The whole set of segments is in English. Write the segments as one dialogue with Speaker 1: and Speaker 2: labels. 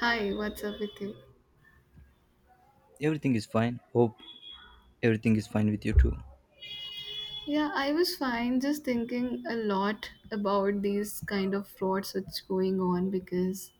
Speaker 1: Hi, what's up with you?
Speaker 2: Everything is fine. Hope everything is fine with you too.
Speaker 1: Yeah, I was fine, just thinking a lot about these kind of frauds that's going on because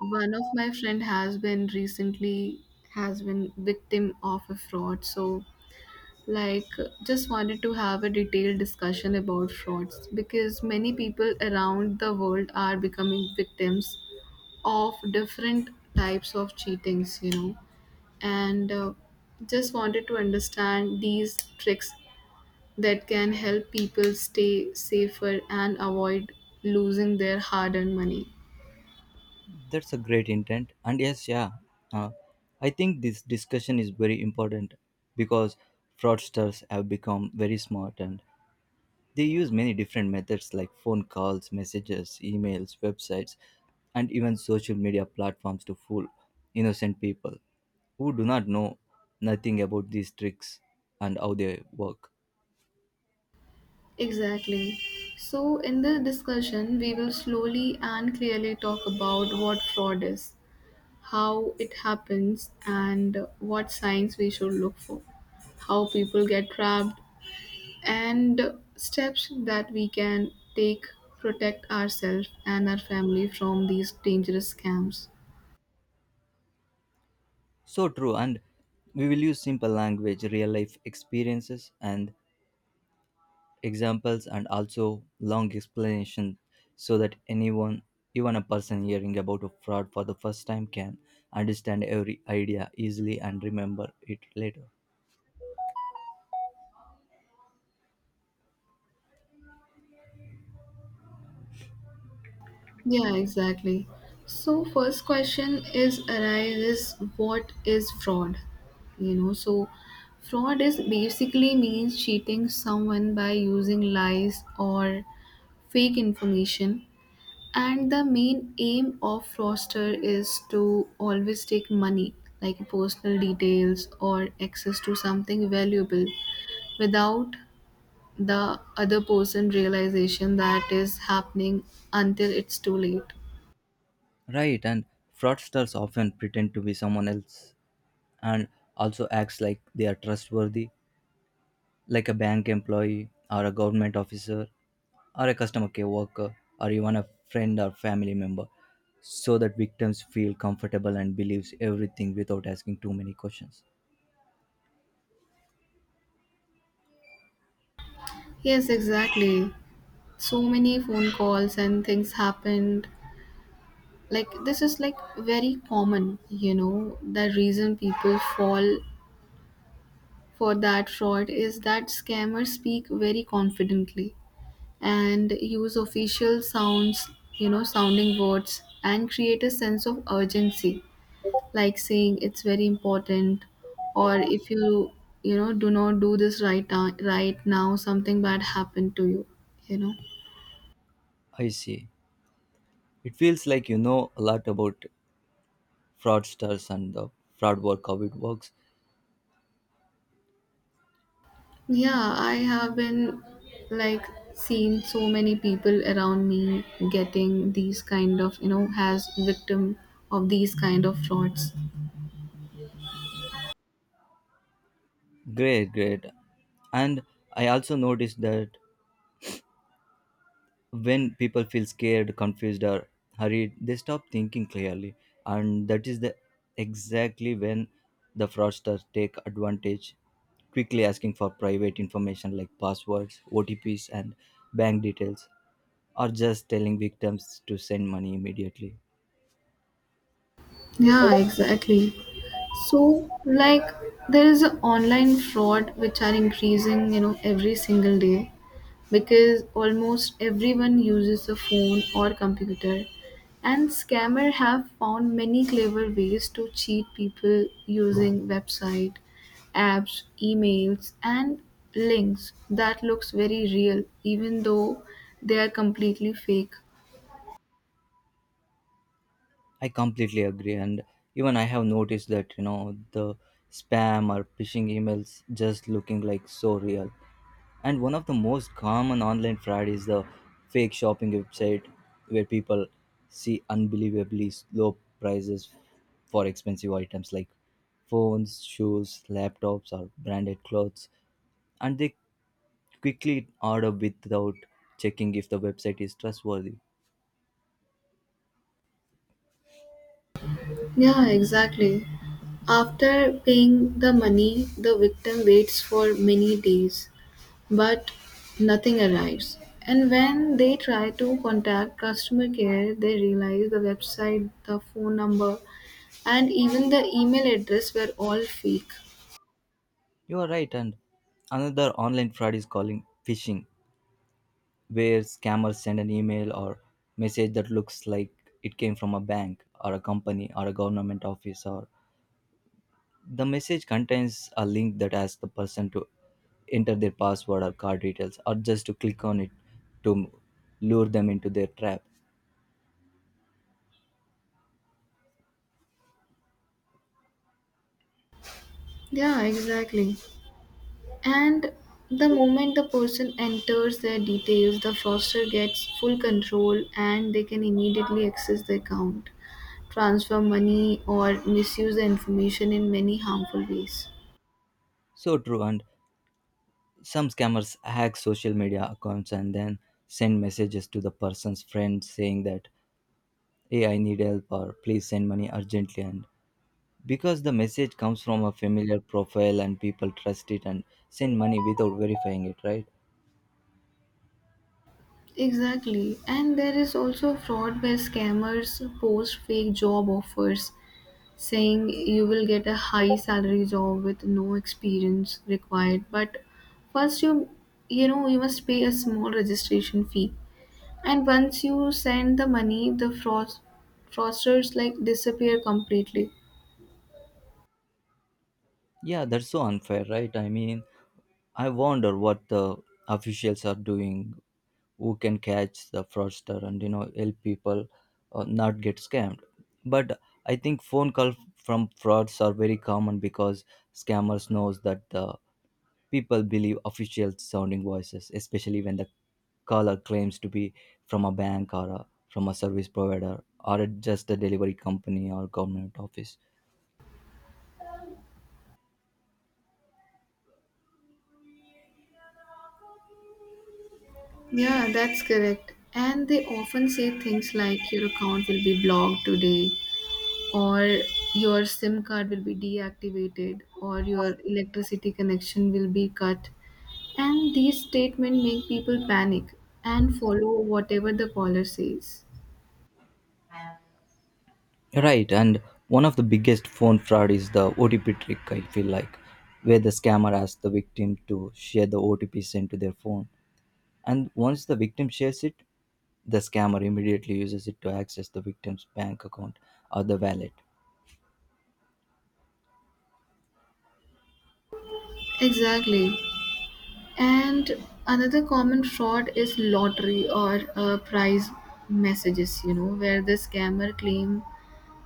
Speaker 1: one of my friend has been recently has been victim of a fraud. So, like just wanted to have a detailed discussion about frauds because many people around the world are becoming victims of different types of cheatings, you know. And Just wanted to understand these tricks that can help people stay safer and avoid losing their hard earned money.
Speaker 2: That's a great intent. And yes, yeah, uh, I think this discussion is very important because fraudsters have become very smart and they use many different methods like phone calls, messages, emails, websites, and even social media platforms to fool innocent people who do not know nothing about these tricks and how they work.
Speaker 1: Exactly. So, in this discussion, we will slowly and clearly talk about what fraud is, how it happens, and what signs we should look for, how people get trapped, and steps that we can take protect ourselves and our family from these dangerous scams.
Speaker 2: So true, and we will use simple language, real life experiences, and examples and also long explanation so that anyone even a person hearing about a fraud for the first time can understand every idea easily and remember it later.
Speaker 1: Yeah, exactly. So first question is arises, what is fraud? You know, so fraud is basically means cheating someone by using lies or fake information. And the main aim of fraudster is to always take money, like personal details or access to something valuable without the other person realization that is happening until it's too late.
Speaker 2: Right, and fraudsters often pretend to be someone else and also acts like they are trustworthy, like a bank employee or a government officer or a customer care worker or even a friend or family member, so that victims feel comfortable and believes everything without asking too many questions.
Speaker 1: Yes, exactly. So many phone calls and things happened. Like this is like very common, you know. The reason people fall for that fraud is that scammers speak very confidently and use official sounds, you know, sounding words and create a sense of urgency, like saying it's very important, or if you, do not do this right now, right now something bad happened to you, you know.
Speaker 2: I see. It feels like you know a lot about fraudsters and the fraud work, how it works.
Speaker 1: Yeah, I have been like seen so many people around me getting these kind of, you know, as victim of these kind of frauds.
Speaker 2: Great, great. And I also noticed that when people feel scared, confused, or hurried, they stop thinking clearly. And that is the exactly when the fraudsters take advantage, quickly asking for private information like passwords, OTPs, and bank details, or just telling victims to send money immediately.
Speaker 1: Yeah, exactly. So, like, there is a online fraud which are increasing, you know, every single day because almost everyone uses a phone or computer, and scammer have found many clever ways to cheat people using website, apps, emails, and links that looks very real, even though they are completely fake.
Speaker 2: I completely agree, and even I have noticed that you know the spam or phishing emails just looking like so real. And one of the most common online fraud is the fake shopping website where people see unbelievably low prices for expensive items like phones, shoes, laptops, or branded clothes, and they quickly order without checking if the website is trustworthy.
Speaker 1: Yeah, exactly. After paying the money, the victim waits for many days, but nothing arrives. And when they try to contact customer care, they realize the website, the phone number, and even the email address were all fake.
Speaker 2: You are right, and another online fraud is calling phishing, where scammers send an email or message that looks like it came from a bank or a company or a government office, or the message contains a link that asks the person to enter their password or card details or just to click on it to lure them into their trap.
Speaker 1: Yeah, exactly. And the moment the person enters their details, the fraudster gets full control and they can immediately access the account, transfer money or misuse the information in many harmful ways.
Speaker 2: So true, and some scammers hack social media accounts and then send messages to the person's friends saying that hey, I need help or please send money urgently, and because the message comes from a familiar profile and people trust it and send money without verifying it, right?
Speaker 1: Exactly. And there is also fraud where scammers post fake job offers saying you will get a high salary job with no experience required, but first you you know you must pay a small registration fee. And once you send the money, the fraudsters like disappear completely.
Speaker 2: Yeah, that's so unfair, right? I mean, I wonder what the officials are doing who can catch the fraudster and you know help people not get scammed. But I think phone calls from frauds are very common because scammers knows that the people believe official sounding voices, especially when the caller claims to be from a bank or from a service provider or just a delivery company or government office.
Speaker 1: Yeah, that's correct. And they often say things like your account will be blocked today, or your SIM card will be deactivated, or your electricity connection will be cut. And these statements make people panic and follow whatever the caller says.
Speaker 2: Right, and one of the biggest phone fraud is the OTP trick, I feel like, where the scammer asks the victim to share the OTP sent to their phone. And once the victim shares it, the scammer immediately uses it to access the victim's bank account or the wallet.
Speaker 1: Exactly. And another common fraud is lottery or prize messages, you know, where the scammer claim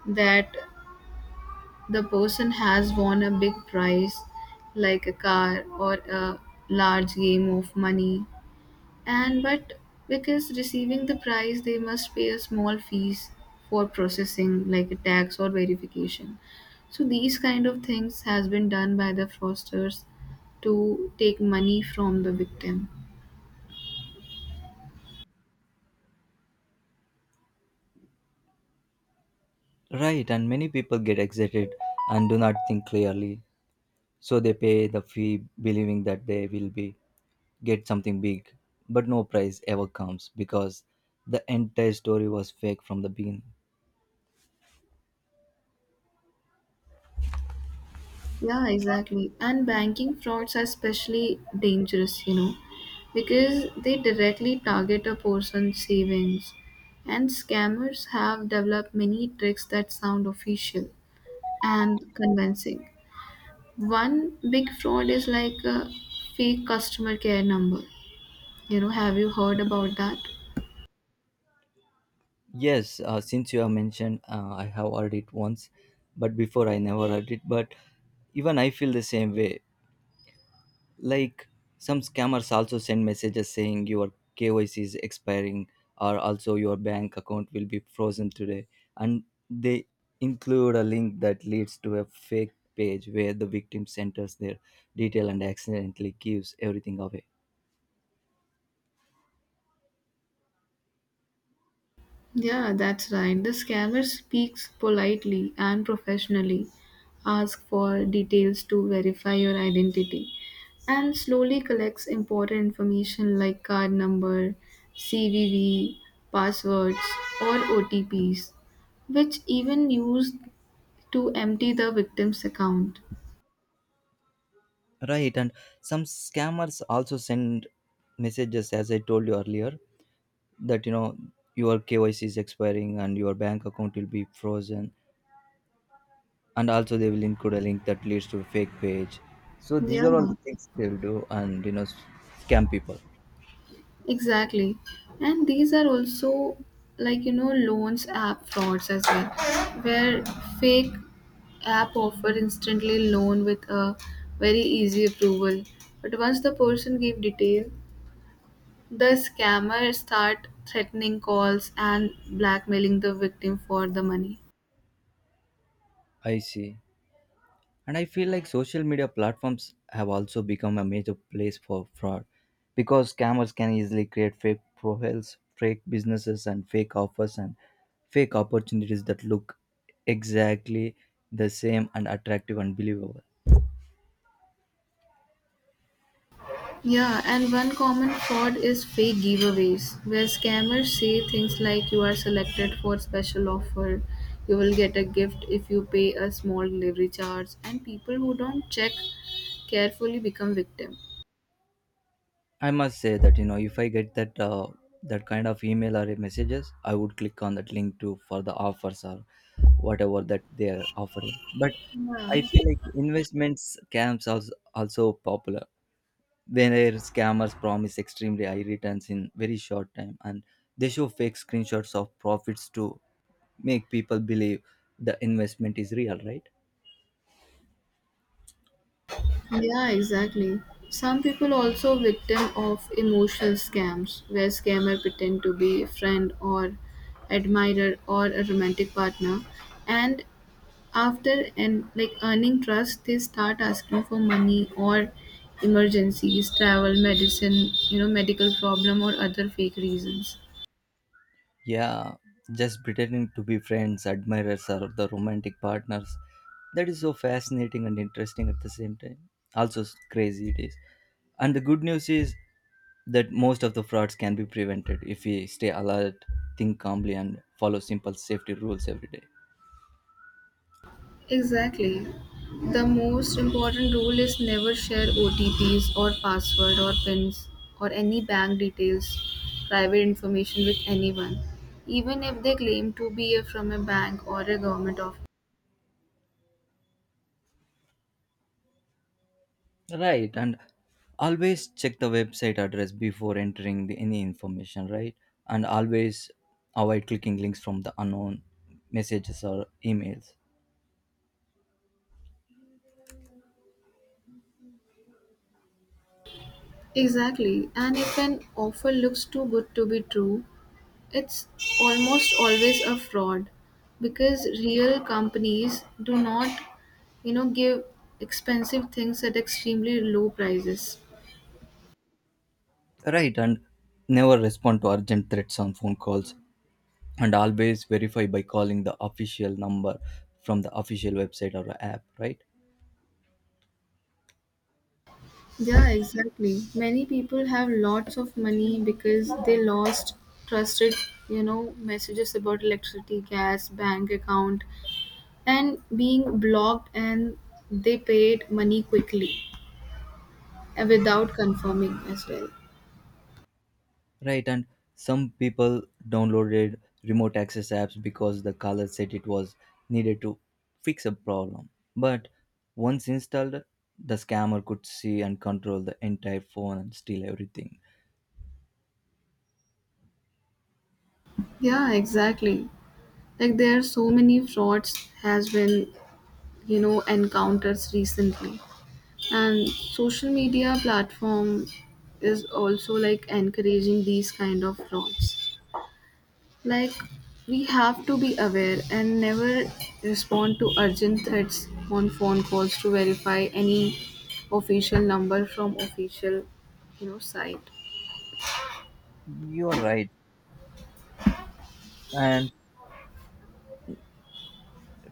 Speaker 1: that the person has won a big prize like a car or a large game of money, and but because receiving the prize they must pay a small fees for processing like a tax or verification, so these kind of things has been done by the fraudsters to take money from the victim.
Speaker 2: Right, and many people get excited and do not think clearly, so they pay the fee believing that they will be get something big, but no prize ever comes because the entire story was fake from the beginning.
Speaker 1: Yeah, exactly. And banking frauds are especially dangerous, you know, because they directly target a person's savings. And scammers have developed many tricks that sound official and convincing. One big fraud is like a fake customer care number. You know, have you heard about that?
Speaker 2: Yes, since you have mentioned, I have heard it once, but before I never heard it. But even I feel the same way. Like, some scammers also send messages saying your KYC is expiring, or also your bank account will be frozen today, and they include a link that leads to a fake page where the victim enters their detail and accidentally gives everything away.
Speaker 1: Yeah, that's right. The scammer speaks politely and professionally, asks for details to verify your identity, and slowly collects important information like card number, CVV, passwords, or OTPs, which even used to empty the victim's account.
Speaker 2: Right, and some scammers also send messages, as I told you earlier, that you know your KYC is expiring and your bank account will be frozen. And also they will include a link that leads to a fake page. So these
Speaker 1: Yeah.
Speaker 2: are all the things they'll do and you know scam people.
Speaker 1: Exactly. And these are also like you know loans app frauds as well, where fake app offer instantly loan with a very easy approval. But once the person give detail, the scammer start threatening calls and blackmailing the victim for the money.
Speaker 2: I see. And I feel like social media platforms have also become a major place for fraud because scammers can easily create fake profiles, fake businesses, and fake offers and fake opportunities that look exactly the same and attractive and believable.
Speaker 1: Yeah, and one common fraud is fake giveaways, where scammers say things like you are selected for special offer, you will get a gift if you pay a small delivery charge, and people who don't check carefully become victim.
Speaker 2: I must say that you know if I get that that kind of email or messages, I would click on that link to for the offers or whatever that they are offering. But
Speaker 1: Yeah.
Speaker 2: I feel like investments scams are also popular. Where scammers promise extremely high returns in very short time, and they show fake screenshots of profits to make people believe the investment is real, right?
Speaker 1: Yeah, exactly. Some people also victim of emotional scams where scammer pretend to be a friend or admirer or a romantic partner, and after and like earning trust they start asking for money or emergencies travel medicine, you know, medical problem or other fake reasons.
Speaker 2: Yeah, just pretending to be friends, admirers, or the romantic partners. That is so fascinating and interesting at the same time. Also, crazy it is. And the good news is that most of the frauds can be prevented if we stay alert, think calmly, and follow simple safety rules every day.
Speaker 1: Exactly, the most important rule is never share OTPs or password or pins or any bank details private information with anyone, even if they claim to be from a bank or a government office.
Speaker 2: Right, and always check the website address before entering the, any information, right? And always avoid clicking links from the unknown messages or emails.
Speaker 1: Exactly, and if an offer looks too good to be true, it's almost always a fraud because real companies do not, you know, give expensive things at extremely low prices.
Speaker 2: Right, and never respond to urgent threats on phone calls, and always verify by calling the official number from the official website or app. Right,
Speaker 1: Yeah, exactly. Many people have lots of money because they lost trusted, you know, messages about electricity, gas, bank account, and being blocked, and they paid money quickly and without confirming as well.
Speaker 2: right, and some people downloaded remote access apps because the caller said it was needed to fix a problem. But once installed, the scammer could see and control the entire phone and steal everything.
Speaker 1: Yeah, exactly. Like there are so many frauds has been, you know, encounters recently. And social media platform is also like encouraging these kind of frauds. Like we have to be aware and never respond to urgent threats on phone calls to verify any official number from official, you know, site.
Speaker 2: You're right, and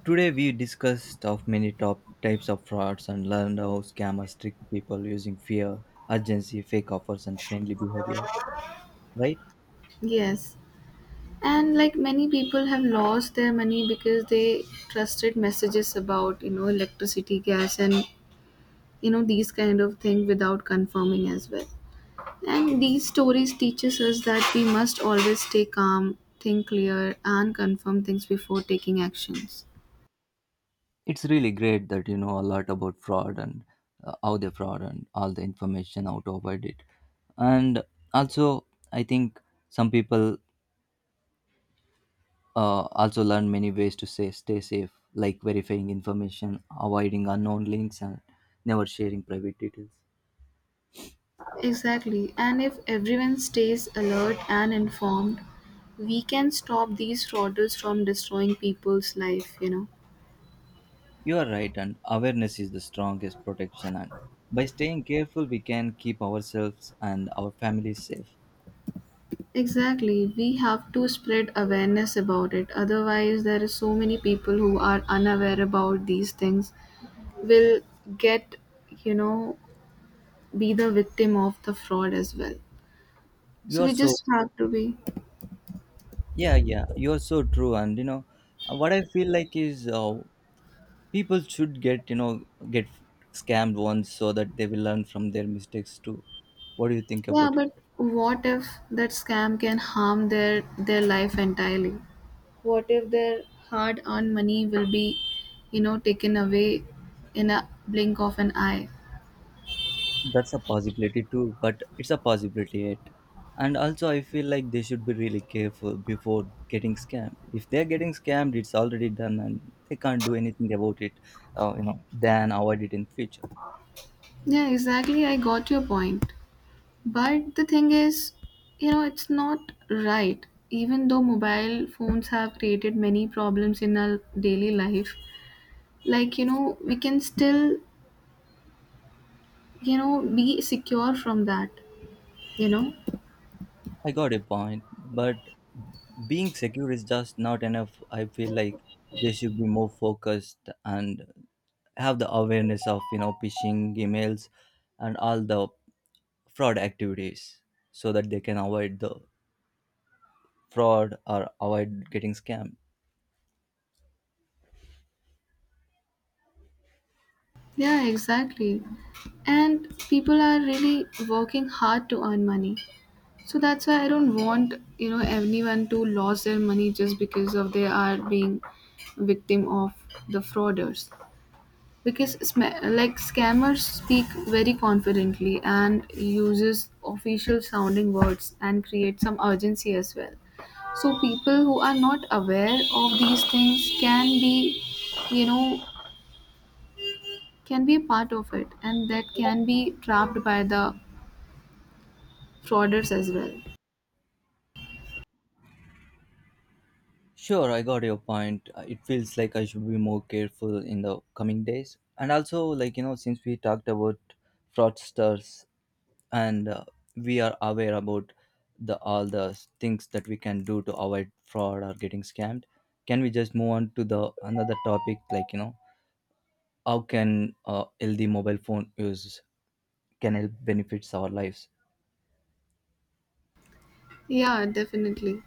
Speaker 2: today we discussed of many top types of frauds and learned how scammers trick people using fear, urgency, fake offers, and friendly behavior. Right?
Speaker 1: Yes. And like many people have lost their money because they trusted messages about you know electricity gas and you know these kind of thing without confirming as well, and these stories teaches us that we must always stay calm, think clear and confirm things before taking actions.
Speaker 2: It's really great that you know a lot about fraud and how they fraud and all the information how to avoid it. And also, I think some people also learn many ways to say stay safe, like verifying information, avoiding unknown links, and never sharing private details.
Speaker 1: Exactly, and if everyone stays alert and informed, we can stop these frauders from destroying people's life, you know.
Speaker 2: You are right, and awareness is the strongest protection. And by staying careful, we can keep ourselves and our families safe.
Speaker 1: Exactly. We have to spread awareness about it. Otherwise, there is so many people who are unaware about these things will get, you know, be the victim of the fraud as well. So
Speaker 2: You are
Speaker 1: we
Speaker 2: so
Speaker 1: just have to be.
Speaker 2: yeah, yeah. You are so true, and you know what I feel like is people should get you know get scammed once so that they will learn from their mistakes too. What do you think
Speaker 1: Yeah,
Speaker 2: about it?
Speaker 1: but what if that scam can harm their life entirely? What if their hard-earned money will be, you know, taken away in a blink of an eye?
Speaker 2: That's a possibility too, but it's a possibility it. And also I feel like they should be really careful before getting scammed. If they're getting scammed, it's already done and they can't do anything about it. You know, then avoid it in future.
Speaker 1: Yeah, exactly. I got your point. But the thing is, you know, it's not right. Even though mobile phones have created many problems in our daily life, like, you know, we can still, you know, be secure from that, you know?
Speaker 2: I got a point, but being secure is just not enough, I feel like. They should be more focused and have the awareness of you know phishing emails and all the fraud activities so that they can avoid the fraud or avoid getting scammed.
Speaker 1: Yeah, exactly. And people are really working hard to earn money. So that's why I don't want, you know, anyone to lose their money just because of they are being victim of the frauders. Because like scammers speak very confidently and uses official sounding words and create some urgency as well, so people who are not aware of these things can be, you know, can be a part of it and that can be trapped by the frauders as well.
Speaker 2: Sure, I got your point. It feels like I should be more careful in the coming days. And also, like, you know, since we talked about fraudsters and we are aware about the all the things that we can do to avoid fraud or getting scammed, can we just move on to the another topic like, you know, how can LD mobile phone use can help benefits our lives?
Speaker 1: Yeah, definitely.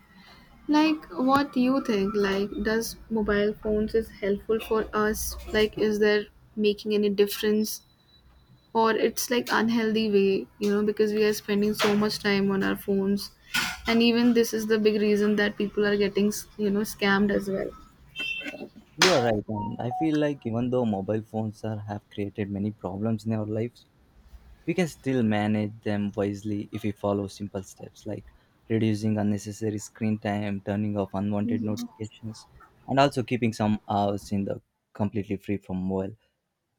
Speaker 1: Like what do you think, like does mobile phones is helpful for us, like is there making any difference or it's like unhealthy way, you know, because we are spending so much time on our phones, and even this is the big reason that people are getting, you know, scammed as well.
Speaker 2: You are right, and I feel like even though mobile phones are, have created many problems in our lives, we can still manage them wisely if we follow simple steps like reducing unnecessary screen time, turning off unwanted
Speaker 1: Mhm.
Speaker 2: notifications, and also keeping some hours in the completely free from mobile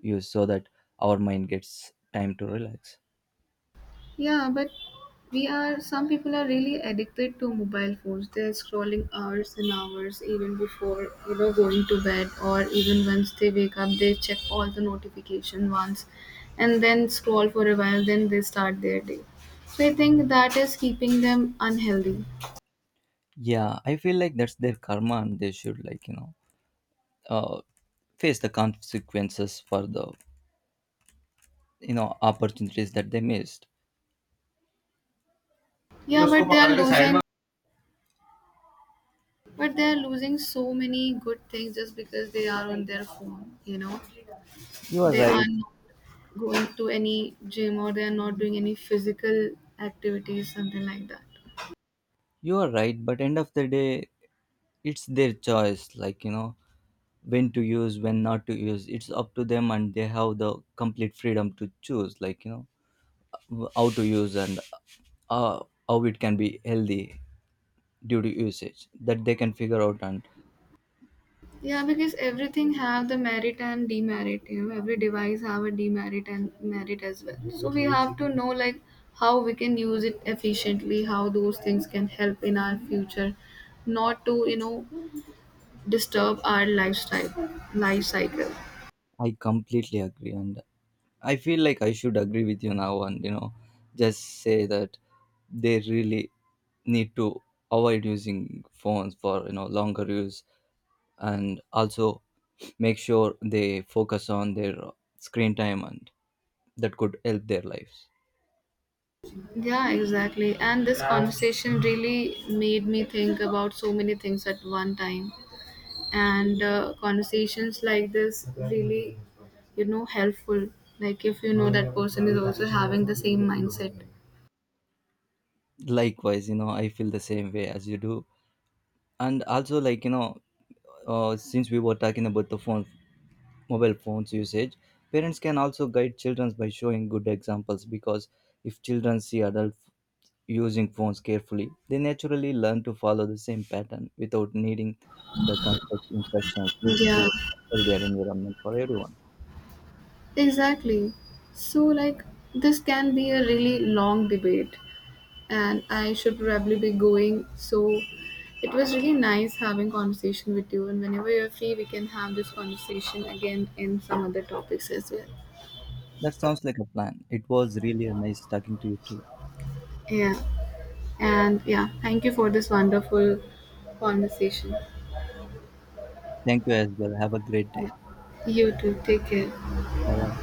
Speaker 2: use so that our mind gets time to relax.
Speaker 1: Yeah, but we are some people are really addicted to mobile phones, they're scrolling hours and hours, even before you know going to bed, or even once they wake up they check all the notification once and then scroll for a while then they start their day. So I think that is keeping them unhealthy.
Speaker 2: Yeah, I feel like that's their karma, and they should like you know uh, face the consequences for the you know opportunities that they missed.
Speaker 1: Yeah, but they are losing, but they are losing so many good things just because they are on their phone, you know.
Speaker 2: You are
Speaker 1: They
Speaker 2: right.
Speaker 1: are not going to any gym or they are not doing any physical activities, something like that.
Speaker 2: You are right, but end of the day, it's their choice. Like you know, when to use, when not to use. It's up to them, and they have the complete freedom to choose. Like you know, how to use and how it can be healthy due to usage. That they can figure out. And
Speaker 1: Yeah, because everything have the merit and demerit, you know, every device have a demerit and merit as well, so we have to know like how we can use it efficiently, how those things can help in our future, not to you know disturb our lifestyle life cycle.
Speaker 2: I completely agree. And I feel like I should agree with you now. And you know, just say that they really need to avoid using phones for you know longer use and also make sure they focus on their screen time and that could help their lives.
Speaker 1: Yeah, exactly. And this conversation really made me think about so many things at one time. And Conversations like this really, you know, helpful. Like if you know that person is also having the same mindset.
Speaker 2: Likewise, you know, I feel the same way as you do. And also like you know since we were talking about the phone mobile phones usage, parents can also guide children by showing good examples because if children see adults using phones carefully they naturally learn to follow the same pattern without needing the complex instructions which
Speaker 1: Yeah,
Speaker 2: creates a healthier environment for everyone.
Speaker 1: exactly. So, like, this can be a really long debate, and I should probably be going. So it was really nice having conversation with you. And whenever you're free, we can have this conversation again in some other topics as well.
Speaker 2: That sounds like a plan. It was really a nice talking to you too.
Speaker 1: Yeah. And yeah, thank you for this wonderful conversation.
Speaker 2: Thank you as well. Have a great
Speaker 1: Yeah.
Speaker 2: day.
Speaker 1: You too. Take care.
Speaker 2: Bye.